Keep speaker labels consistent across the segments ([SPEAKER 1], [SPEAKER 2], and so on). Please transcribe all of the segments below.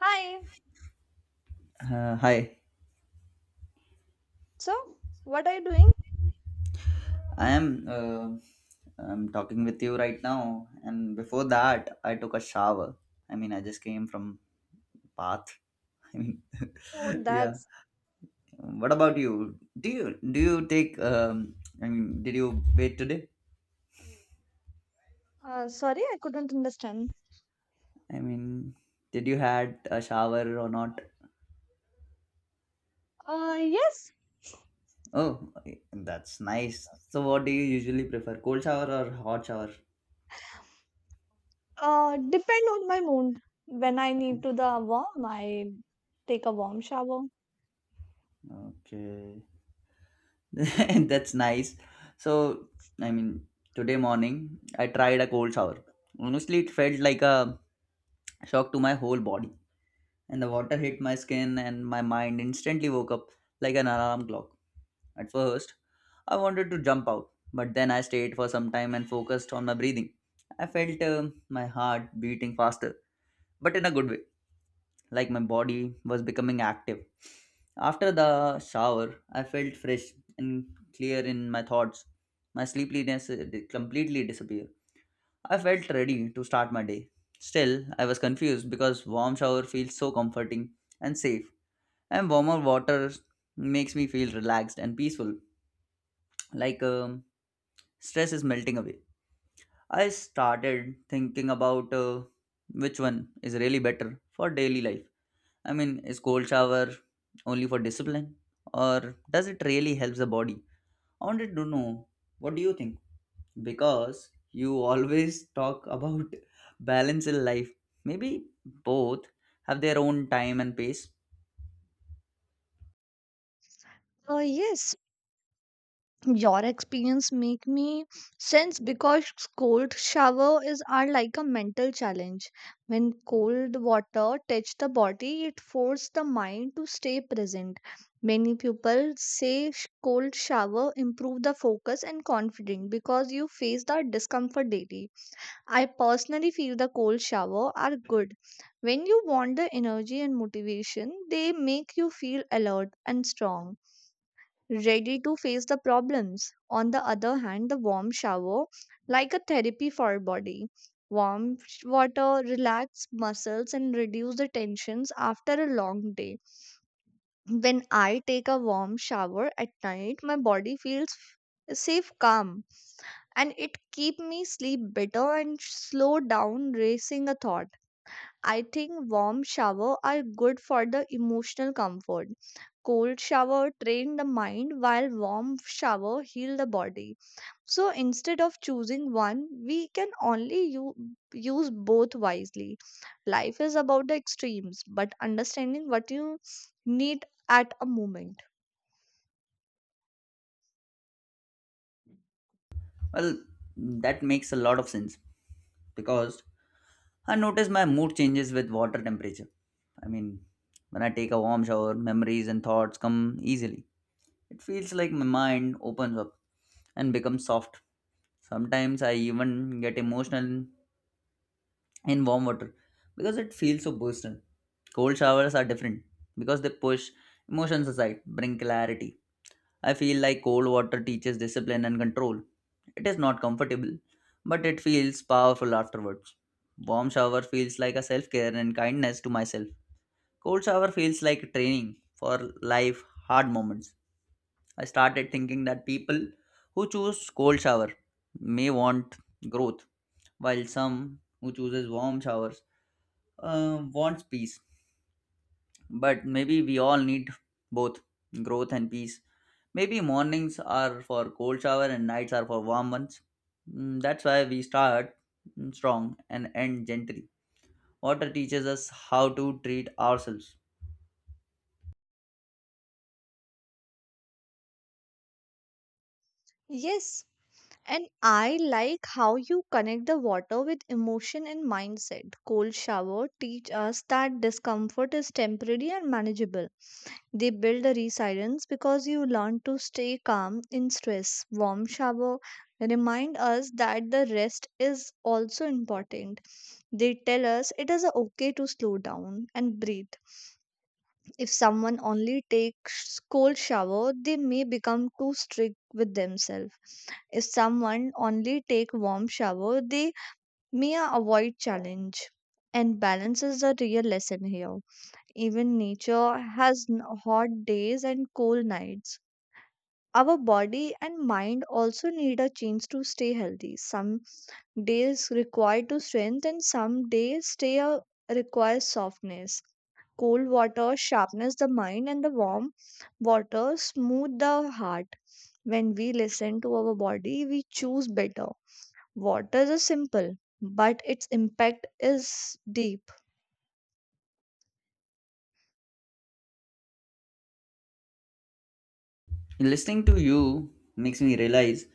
[SPEAKER 1] Hi.
[SPEAKER 2] Uh, hi,
[SPEAKER 1] So, what are you doing?
[SPEAKER 2] I am I'm talking with you right now, and before that, I took a shower. I mean, I just came from bath. I mean,
[SPEAKER 1] Oh,
[SPEAKER 2] yeah.
[SPEAKER 1] that's.
[SPEAKER 2] What about you? Do you take? I mean, did you bathe today?
[SPEAKER 1] Sorry, I couldn't understand.
[SPEAKER 2] I mean, did you had a shower or not?
[SPEAKER 1] Yes.
[SPEAKER 2] Oh, that's nice. So, what do you usually prefer, cold shower or hot shower?
[SPEAKER 1] Depend on my mood. When I need to the warm, I take a warm shower.
[SPEAKER 2] Okay. That's nice. So, I mean, today morning I tried a cold shower. Honestly, it felt like a shock to my whole body, and the water hit my skin, and my mind instantly woke up like an alarm clock. At first, I wanted to jump out, but then I stayed for some time and focused on my breathing. I felt my heart beating faster, but in a good way like my body was becoming active. After the shower, I felt fresh and clear in my thoughts. My sleepiness completely disappeared. I felt ready to start my day. Still, I was confused because warm shower feels so comforting and safe, and warmer water makes me feel relaxed and peaceful, like stress is melting away. I started thinking about which one is really better for daily life. I mean, is cold shower only for discipline or does it really helps the body? I wanted to know what do you think? Because you always talk about balance in life. Maybe both have their own time and pace.
[SPEAKER 1] Yes, your experience make me sense because cold shower is are like a mental challenge when cold water touch the body it forces the mind to stay present many people say cold shower improve the focus and confidence because you face the discomfort daily I personally feel the cold shower are good when you want the energy and motivation they make you feel alert and strong ready to face the problems. On the other hand, the warm shower, like a therapy for our body, warm water relax muscles and reduce the tensions after a long day. When I take a warm shower at night, my body feels safe, calm, and it keep me sleep better and slow down racing a thought. I think warm shower are good for the emotional comfort. Cold shower train the mind while warm shower heal the body. So instead of choosing one, we can only use both wisely. Life is about the extremes, but understanding what you need at a moment.
[SPEAKER 2] Well, that makes a lot of sense because I notice my mood changes with water temperature. I mean, when I take a warm shower, memories and thoughts come easily. It feels like my mind opens up and becomes soft. Sometimes I even get emotional in warm water because it feels so personal. Cold showers are different because they push emotions aside, bring clarity. I feel like cold water teaches discipline and control. It is not comfortable, but it feels powerful afterwards. Warm shower feels like a self care and kindness to myself. Cold shower feels like training for life hard moments. I started thinking that people who choose cold shower may want growth, while some who chooses warm showers wants peace. But maybe we all need both growth and peace. Maybe mornings are for cold shower and nights are for warm ones. Mm, that's why we start strong and end gently. Water teaches us how to treat ourselves.
[SPEAKER 1] Yes, and I like how you connect the water with emotion and mindset. Cold shower teach us that discomfort is temporary and manageable. They build a resilience because you learn to stay calm in stress. Warm shower remind us that the rest is also important. They tell us it is okay to slow down and breathe. If someone only takes cold shower, they may become too strict with themselves. If someone only take warm shower, they may avoid challenge. And balance is the real lesson here. Even nature has hot days and cool nights. Our body and mind also need a change to stay healthy. Some days require to strength and some days stay requires softness. Cold water sharpens the mind and the warm water smooth the heart. When we listen to our body, we choose better. Water is simple, but its impact is deep.
[SPEAKER 2] Listening to you makes me realize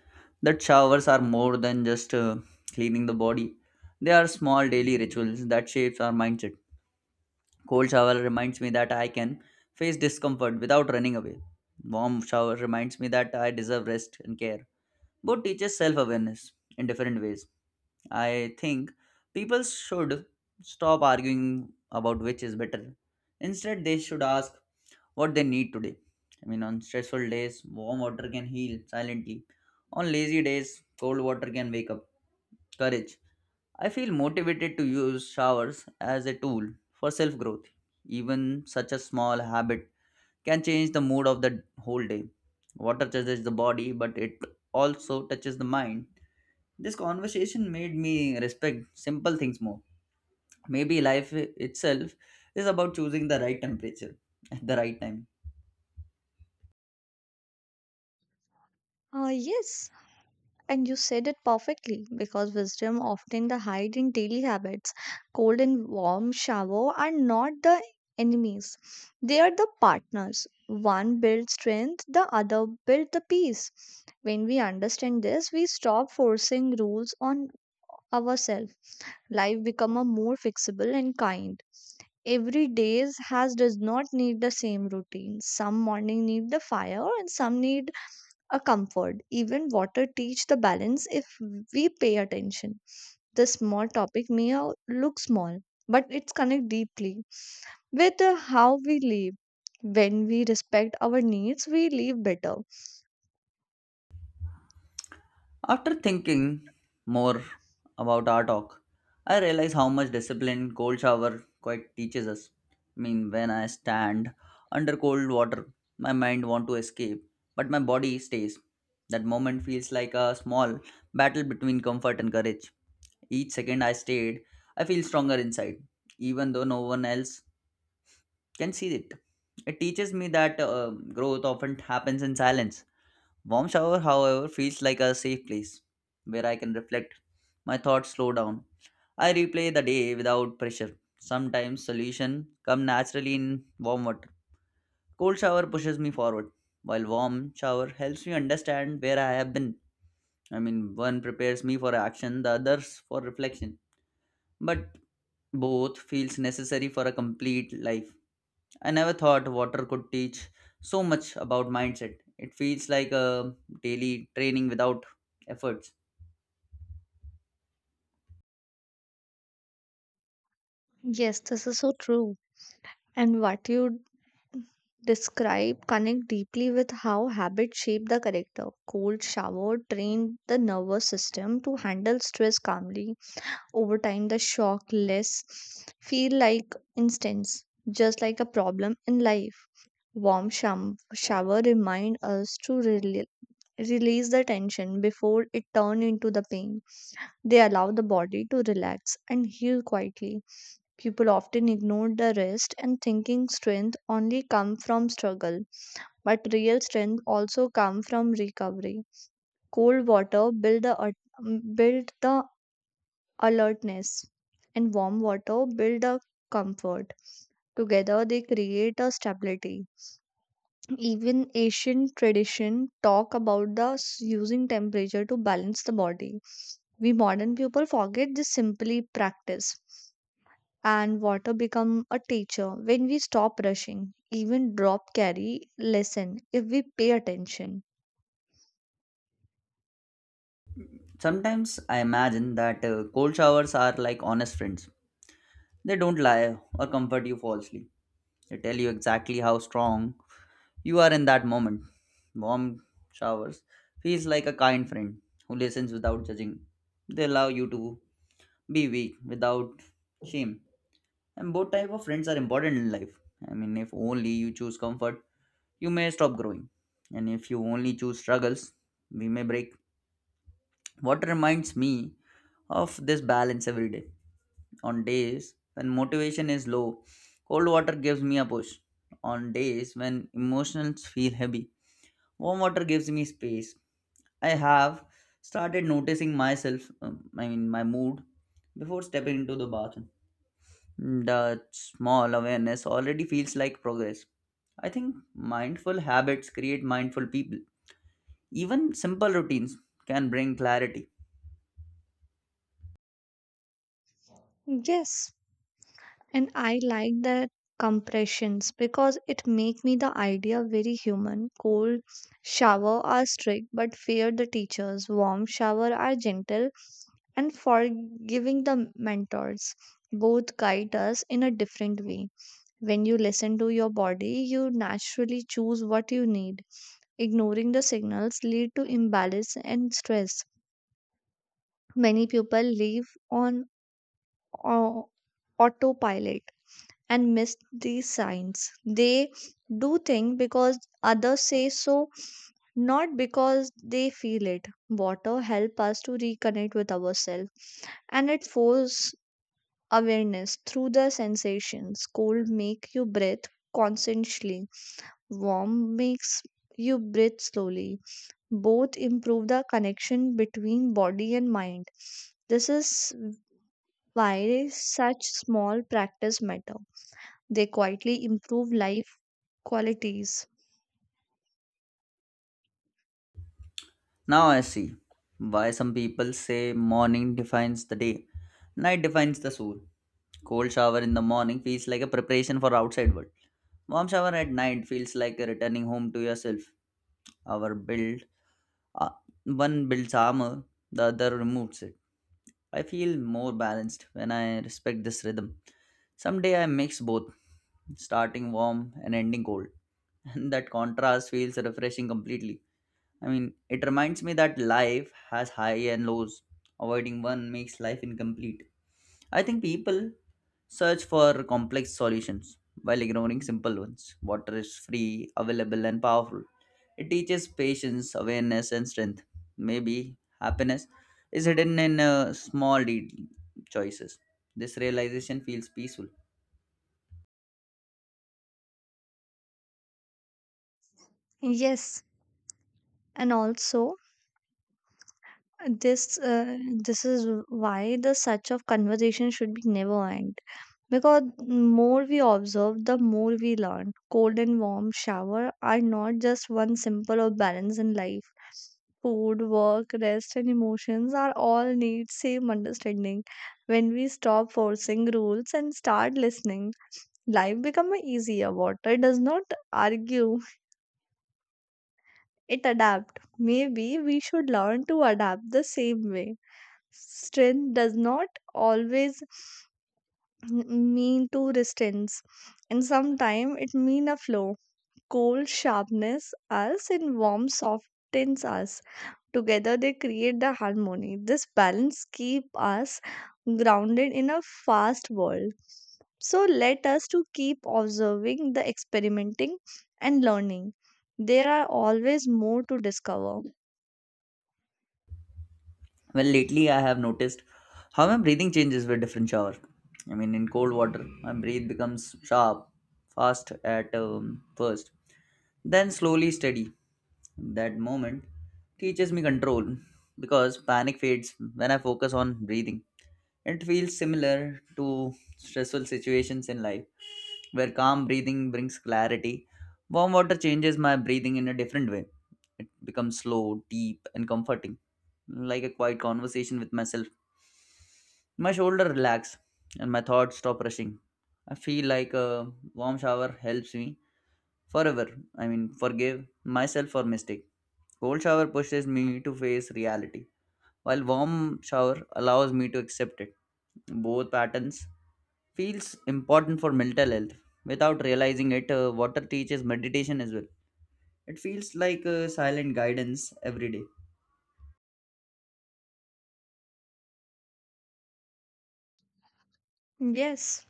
[SPEAKER 2] that showers are more than just cleaning the body. They are small daily rituals that shapes our mindset. Cold shower reminds me that I can face discomfort without running away. Warm shower reminds me that I deserve rest and care. Both teaches self-awareness in different ways. I think people should stop arguing about which is better. Instead, they should ask what they need today. I mean, on stressful days, warm water can heal silently. On lazy days, cold water can wake up courage. I feel motivated to use showers as a tool for self growth. Even such a small habit can change the mood of the whole day. Water touches the body, but it also touches the mind. This conversation made me respect simple things more. Maybe life itself is about choosing the right temperature at the right time.
[SPEAKER 1] Yes, and you said it perfectly because wisdom often the hide in daily habits. Cold and warm shower are not the enemies. They are the partners. One builds strength, the other builds the peace. When we understand this, we stop forcing rules on ourselves. Life become a more flexible and kind. Every day has does not need the same routine. Some morning need the fire and some need a comfort. Even water teach the balance if we pay attention. This small topic may look small, but it's connect deeply with how we live. When we respect our needs, we live better.
[SPEAKER 2] After thinking more about our talk, I realize how much discipline cold shower quite teaches us. I mean, when I stand under cold water, my mind want to escape, but my body stays. That moment feels like a small battle between comfort and courage. Each second I stayed, I feel stronger inside, even though no one else can see it. It teaches me that growth often happens in silence. Warm shower, however, feels like a safe place where I can reflect. My thoughts slow down. I replay the day without pressure. Sometimes solutions come naturally in warm water. Cold shower pushes me forward, while warm shower helps me understand where I have been. I mean, one prepares me for action, the others for reflection. But both feels necessary for a complete life. I never thought water could teach so much about mindset. It feels like a daily training without efforts.
[SPEAKER 1] Yes, this is so true. And what you describe connect deeply with how habits shape the character. Cold shower trained the nervous system to handle stress calmly over time the shock less feel like instance, just like a problem in life. Warm shower remind us to release the tension before it turn into the pain. They allow the body to relax and heal quietly. People often ignore the rest and thinking strength only come from struggle, but real strength also come from recovery. Cold water build the alertness, and warm water build a comfort. Together they create a stability. Even ancient tradition talk about the using temperature to balance the body. We modern people forget this simply practice. And water become a teacher when we stop rushing. Even drop carry lesson if we pay attention.
[SPEAKER 2] Sometimes I imagine that cold showers are like honest friends. They don't lie or comfort you falsely. They tell you exactly how strong you are in that moment. Warm showers feels like a kind friend who listens without judging. They allow you to be weak without shame. And both type of friends are important in life. I mean, if only you choose comfort you may stop growing. And if you only choose struggles, we may break. What reminds me of this balance every day. On days when motivation is low, cold water gives me a push. On days when emotions feel heavy, warm water gives me space. I have started noticing myself, I mean, my mood before stepping into the bathroom. The small awareness already feels like progress. I think mindful habits create mindful people. Even simple routines can bring clarity.
[SPEAKER 1] Yes, and I like that compressions because it make me the idea very human. Cold shower are strict but fear the teachers. Warm shower are gentle and forgiving the mentors. Both guide us in a different way. When you listen to your body you naturally choose what you need. Ignoring the signals lead to imbalance and stress. Many people live on au- autopilot and miss these signs. They do think because others say so, not because they feel it. Water help us to reconnect with ourselves, and it force awareness through the sensations. Cold make you breathe consciously. Warm makes you breathe slowly. Both improve the connection between body and mind. This is why such small practice matter. They quietly improve life qualities.
[SPEAKER 2] Now I see why some people say morning defines the day, night defines the soul. Cold shower in the morning feels like a preparation for outside world. Warm shower at night feels like returning home to yourself. Our build, uh, one builds armor, the other removes it. I feel more balanced when I respect this rhythm. Someday I mix both, starting warm and ending cold, and that contrast feels refreshing completely. I mean, it reminds me that life has high and lows. Avoiding one makes life incomplete. I think people search for complex solutions while ignoring simple ones. Water is free, available, and powerful. It teaches patience, awareness, and strength. Maybe happiness is hidden in choices. This realization feels peaceful.
[SPEAKER 1] Yes, and also this uh, this is why the such of conversation should be never end. Because more we observe, the more we learn. Cold and warm shower are not just one simple of balance in life. Food, work, rest, and emotions are all need same understanding. When we stop forcing rules and start listening, life become easier. Water does not argue. It adapt. Maybe we should learn to adapt the same way. Strength does not always mean to resistance, and sometimes it mean a flow. Cold sharpness us and warm softens us. Together they create the harmony. This balance keep us grounded in a fast world. So let us to keep observing the experimenting and learning. There are always more to discover.
[SPEAKER 2] Well, lately I have noticed how my breathing changes with different shower. I mean, in cold water, my breath becomes sharp, fast at first, then slowly steady. That moment teaches me control because panic fades when I focus on breathing. It feels similar to stressful situations in life where calm breathing brings clarity. Warm water changes my breathing in a different way. It becomes slow, deep, and comforting, like a quiet conversation with myself. My shoulder relax, and my thoughts stop rushing. I feel like a warm shower helps me forever. I mean, forgive myself for mistake. Cold shower pushes me to face reality while warm shower allows me to accept it. Both patterns feels important for mental health. Without realizing it, water teaches meditation as well. It feels like silent guidance every day.
[SPEAKER 1] Yes,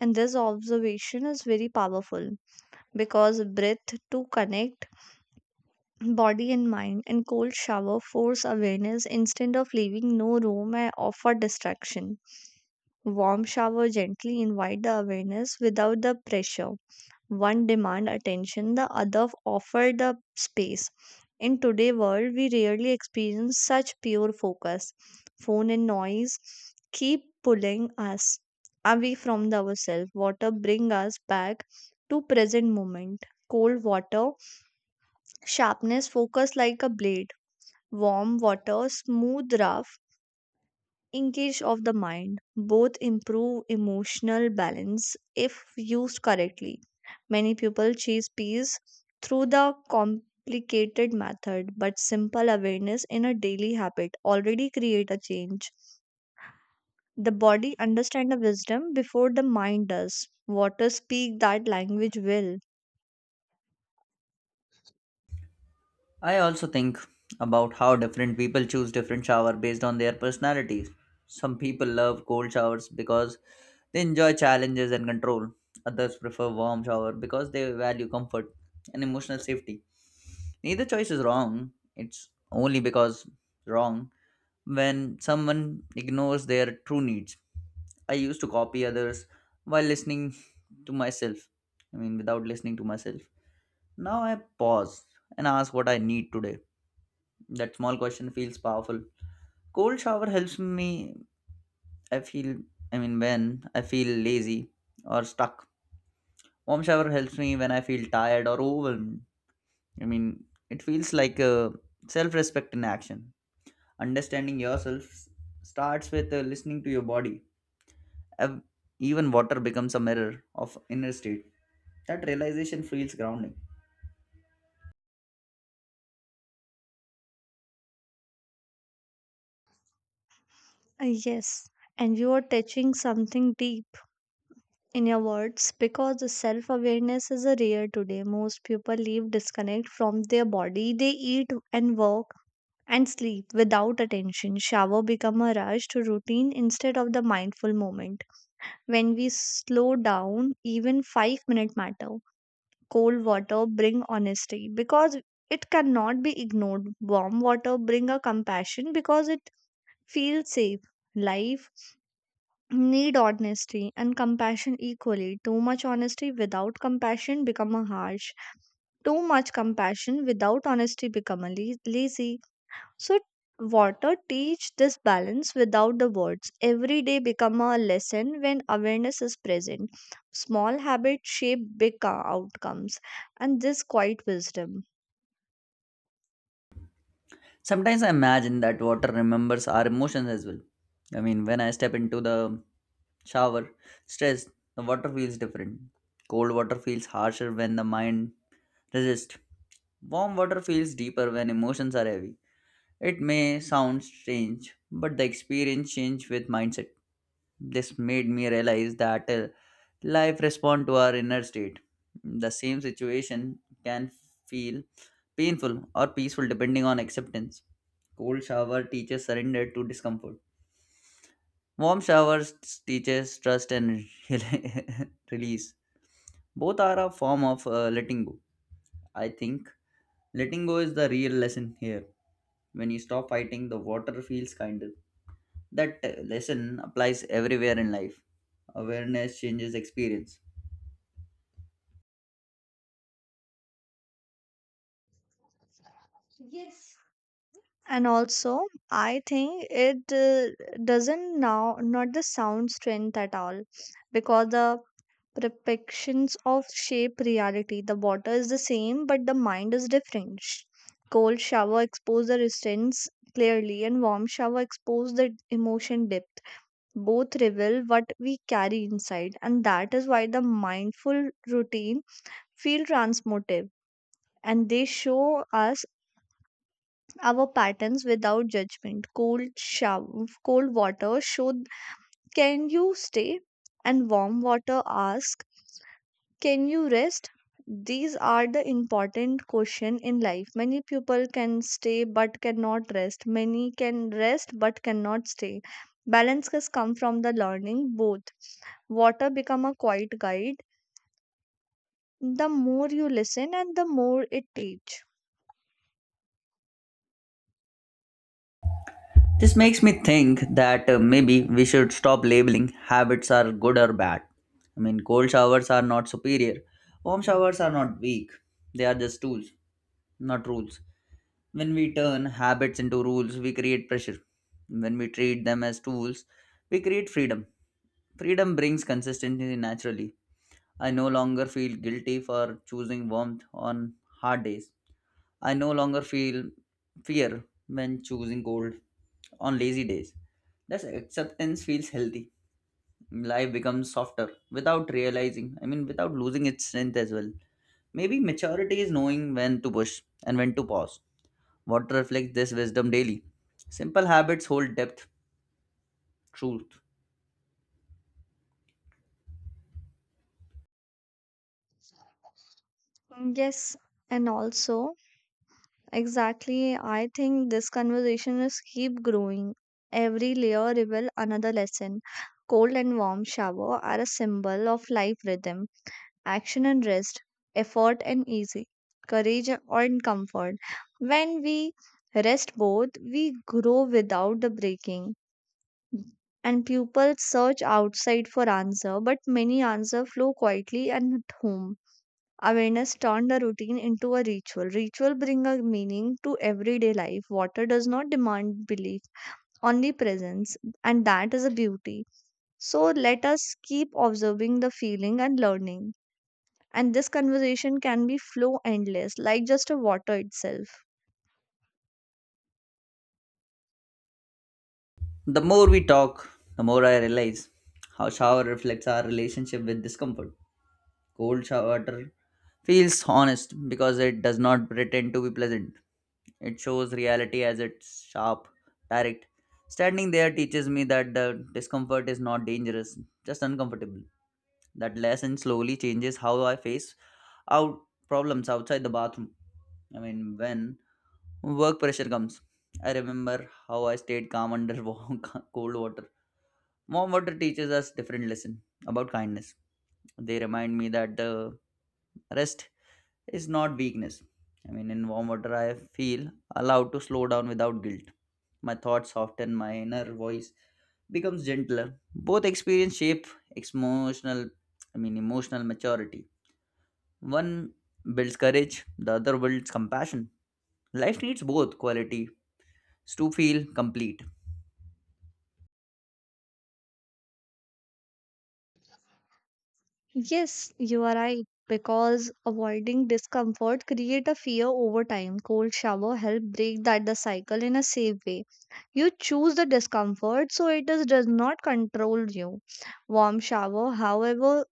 [SPEAKER 1] and this observation is very powerful because breath to connect body and mind, and cold shower force awareness instead of leaving no room or for distraction. Warm shower gently invite the awareness without the pressure. One demand attention, the other offer the space. In today's world we rarely experience such pure focus. Phone and noise keep pulling us away from the ourselves. Water bring us back to present moment. Cold water sharpness focus like a blade. Warm water smooth rough engage of the mind. Both improve emotional balance if used correctly. Many people chase peace through the complicated method, but simple awareness in a daily habit already create a change. The body understand the wisdom before the mind does. Water speak that language well.
[SPEAKER 2] I also think about how different people choose different shower based on their personalities. Some people love cold showers because they enjoy challenges and control. Others prefer warm shower because they value comfort and emotional safety. Neither choice is wrong. It's only because wrong when someone ignores their true needs. I used to copy others while listening to myself. I mean, without listening to myself. Now I pause and ask what I need today. That small question feels powerful. Cold shower helps me. I feel, I mean, when I feel lazy or stuck. Warm shower helps me when I feel tired or overwhelmed. I mean, it feels like self respect in action. Understanding yourself starts with listening to your body. Ev- Even water becomes a mirror of inner state. That realization feels grounding.
[SPEAKER 1] Yes, and you are touching something deep in your words because the self awareness is a rare today. Most people live disconnect from their body. They eat and work and sleep without attention. Shower become a rushed routine instead of the mindful moment. When we slow down, even five-minute matter. Cold water bring honesty because it cannot be ignored. Warm water bring a compassion because it feels safe. Life need honesty and compassion equally. Too much honesty without compassion become a harsh. Too much compassion without honesty become a lazy. So water teach this balance without the words. Every day become a lesson when awareness is present. Small habits shape big outcomes, and this quiet wisdom.
[SPEAKER 2] Sometimes I imagine that water remembers our emotions as well. I mean, when I step into the shower, stressed, the water feels different. Cold water feels harsher when the mind resists. Warm water feels deeper when emotions are heavy. It may sound strange, but the experience changed with mindset. This made me realize that life responds to our inner state. The same situation can feel painful or peaceful depending on acceptance. Cold shower teaches surrender to discomfort. Warm showers teaches trust and release. Both are a form of letting go. I think letting go is the real lesson here. When you stop fighting, the water feels kinder. That lesson applies everywhere in life. Awareness changes experience.
[SPEAKER 1] Yes, and also I think it doesn't now not the sound strength at all because the perceptions of shape reality. The water is the same, but the mind is different. Cold shower expose the resistance clearly, and warm shower expose the emotion depth. Both reveal what we carry inside, and that is why the mindful routine feel transmotive, and they show us our patterns without judgment. Cold water show, can you stay? And warm water asks, can you rest? These are the important question in life. Many people can stay but cannot rest. Many can rest but cannot stay. Balance has come from the learning both. Water become a quiet guide. The more you listen and the more it teach.
[SPEAKER 2] This makes me think that maybe we should stop labeling habits are good or bad. I mean, cold showers are not superior, warm showers are not weak. They are just tools, not rules. When we turn habits into rules, we create pressure. When we treat them as tools, we create freedom. Freedom brings consistency naturally. I no longer feel guilty for choosing warmth on hard days. I no longer feel fear when choosing cold on lazy days. That acceptance feels healthy. Life becomes softer without realizing, I mean, without losing its strength as well. Maybe maturity is knowing when to push and when to pause. Water reflects this wisdom daily. Simple habits hold depth, truth.
[SPEAKER 1] Yes, and also exactly, I think this conversation is keep growing. Every layer reveal another lesson. Cold and warm shower are a symbol of life rhythm action and rest, effort and easy, courage and comfort. When we rest both, we grow without the breaking. And people search outside for answer, but many answer flow quietly and at home. Awareness turned the routine into a ritual. Ritual bring a meaning to everyday life. Water does not demand belief, only presence, and that is a beauty. So let us keep observing the feeling and learning, and this conversation can be flow endless like just a water itself.
[SPEAKER 2] The more we talk, the more I realize how shower reflects our relationship with discomfort. Cold shower water feels honest because it does not pretend to be pleasant. It shows reality as it's sharp, direct. Standing there teaches me that the discomfort is not dangerous, just uncomfortable. That lesson slowly changes how I face out problems outside the bathroom. I mean, when work pressure comes, I remember how I stayed calm under cold water. Warm water teaches us different lesson about kindness. They remind me that the rest is not weakness. I mean, in warm water, I feel allowed to slow down without guilt. My thoughts soften, my inner voice becomes gentler. Both experience shape emotional, I mean, emotional maturity. One builds courage, the other builds compassion. Life needs both qualities to feel complete.
[SPEAKER 1] Yes you are right because avoiding discomfort create a fear over time. Cold shower help break that the cycle in a safe way. You choose the discomfort so it is, does not control you. Warm shower however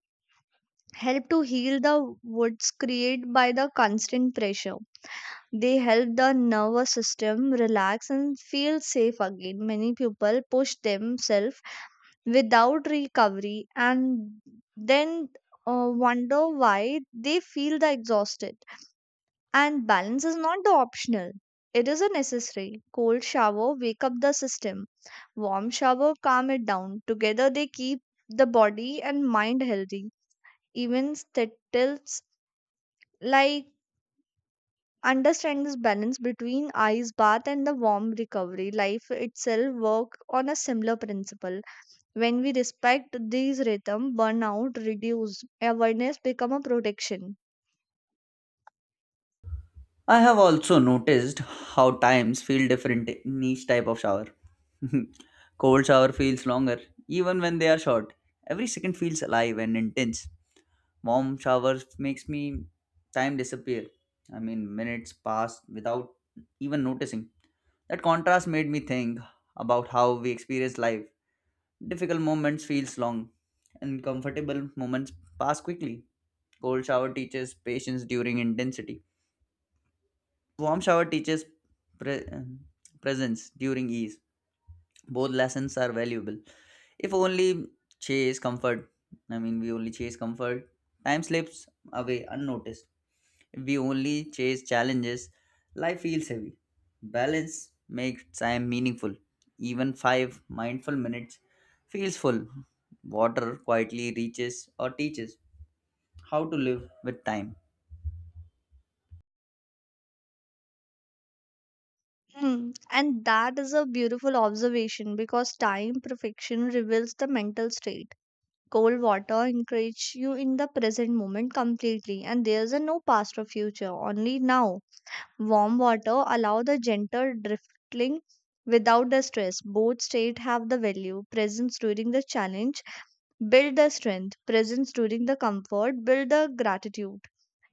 [SPEAKER 1] help to heal the wounds created by the constant pressure. They help the nervous system relax and feel safe again. Many people push themselves without recovery and then wonder why they feel the exhausted, and balance is not the optional. It is a necessary. Cold shower wake up the system, warm shower calm it down. Together they keep the body and mind healthy. Even tips like understand this balance between ice bath and the warm recovery, life itself work on a similar principle. When we respect these rhythm, burnout reduce. Awareness become a protection.
[SPEAKER 2] I have also noticed how times feel different in each type of shower. Cold shower feels longer, even when they are short. Every second feels alive and intense. Mom showers makes me time disappear. I mean, minutes pass without even noticing. That contrast made me think about how we experience life. Difficult moments feels long, and comfortable moments pass quickly. Cold shower teaches patience during intensity. Warm shower teaches pre- uh, presence during ease. Both lessons are valuable. If only chase comfort. I mean, we only chase comfort. Time slips away unnoticed. If we only chase challenges, life feels heavy. Balance makes time meaningful. Even 5 mindful minutes feels full. Water quietly reaches or teaches how to live with time.
[SPEAKER 1] Hmm. And that is a beautiful observation because time perfection reveals the mental state. Cold water encourages you in the present moment completely, and there's a no past or future, only now. Warm water allow the gentle drifting without the stress. Both state have the value. Presence during the challenge build the strength. Presence during the comfort build the gratitude.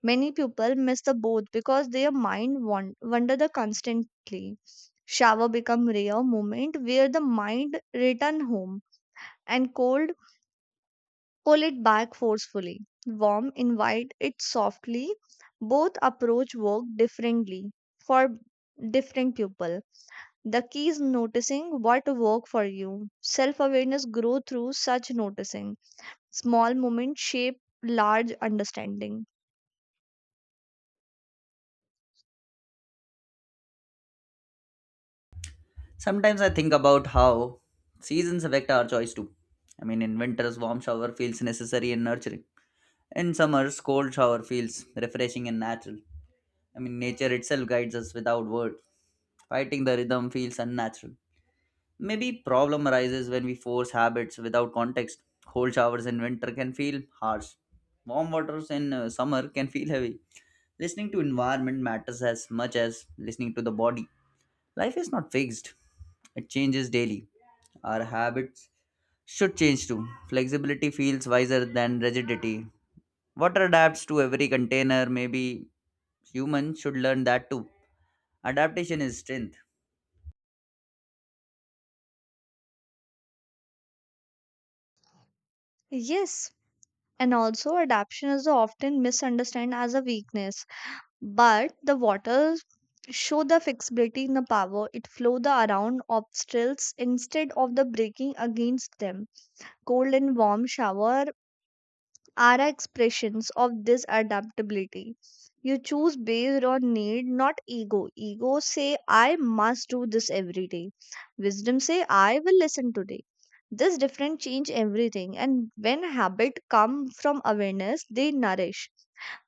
[SPEAKER 1] Many people miss the both because their mind wander the constantly. Shower become rare moment where the mind return home, and cold pull it back forcefully. Warm invite it softly. Both approach work differently for different people. The key is noticing what work for you. Self-awareness grow through such noticing. Small moments shape large understanding.
[SPEAKER 2] Sometimes I think about how seasons affect our choice too. I mean, in winters, warm shower feels necessary and nurturing. In summers, cold shower feels refreshing and natural. I mean, nature itself guides us without words. Fighting the rhythm feels unnatural. Maybe problem arises when we force habits without context. Cold showers in winter can feel harsh. Warm waters in summer can feel heavy. Listening to environment matters as much as listening to the body. Life is not fixed. It changes daily. Our habits should change too. Flexibility feels wiser than rigidity. Water adapts to every container. Maybe humans should learn that too. Adaptation is strength.
[SPEAKER 1] Yes, and also, adaptation is often misunderstood as a weakness, but the waters show the flexibility in the power. It flow the around obstacles instead of the breaking against them. Cold and warm shower are expressions of this adaptability. You choose based on need, not ego. Ego say, I must do this every day. Wisdom say, I will listen today. This different change everything. And when habit come from awareness, they nourish.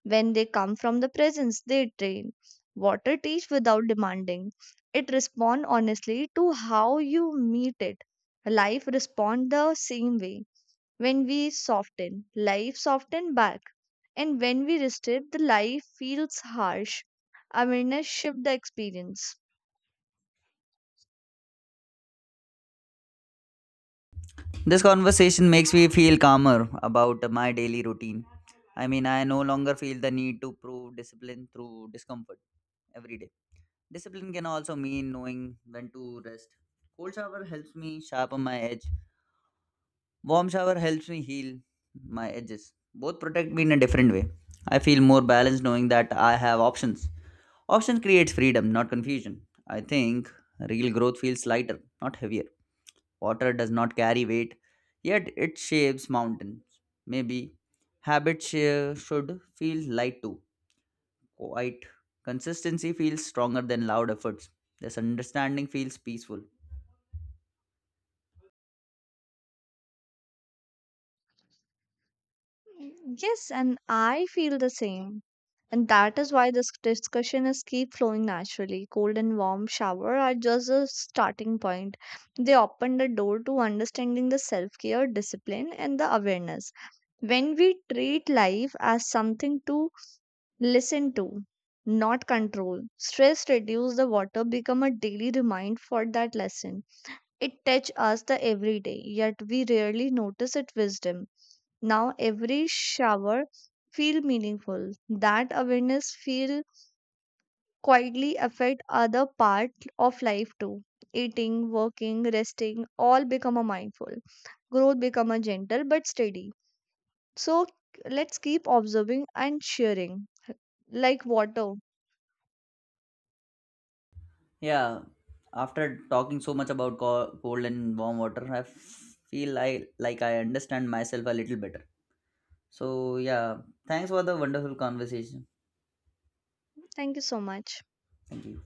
[SPEAKER 1] When they come from the presence, they train. Water teach without demanding. It respond honestly to how you meet it. Life respond the same way when we soften, life softens back. And when we restrict, the life feels harsh. Awareness shifts the experience.
[SPEAKER 2] This conversation makes me feel calmer about my daily routine. I mean, I no longer feel the need to prove discipline through discomfort every day. Discipline can also mean knowing when to rest. Cold shower helps me sharpen my edge. Warm shower helps me heal my edges. Both protect me in a different way. I feel more balanced knowing that I have options. Options creates freedom, not confusion. I think real growth feels lighter, not heavier. Water does not carry weight, yet it shapes mountains. Maybe habits should feel light too, quite. Consistency feels stronger than loud efforts. This understanding feels peaceful.
[SPEAKER 1] Yes, and I feel the same. And that is why this discussion is keep flowing naturally. Cold and warm shower are just a starting point. They open the door to understanding the self care, discipline, and the awareness. When we treat life as something to listen to, not control. Stress reduce the water become a daily remind for that lesson. It touch us the everyday, yet we rarely notice its wisdom. Now every shower feel meaningful. That awareness feel quietly affect other part of life too. Eating, working, resting, all become a mindful. Growth become a gentle but steady. So let's keep observing and sharing like water.
[SPEAKER 2] Yeah, after talking so much about cold and warm water, feel I like I understand myself a little better. So yeah, thanks for the wonderful conversation.
[SPEAKER 1] Thank you so much.
[SPEAKER 2] Thank you.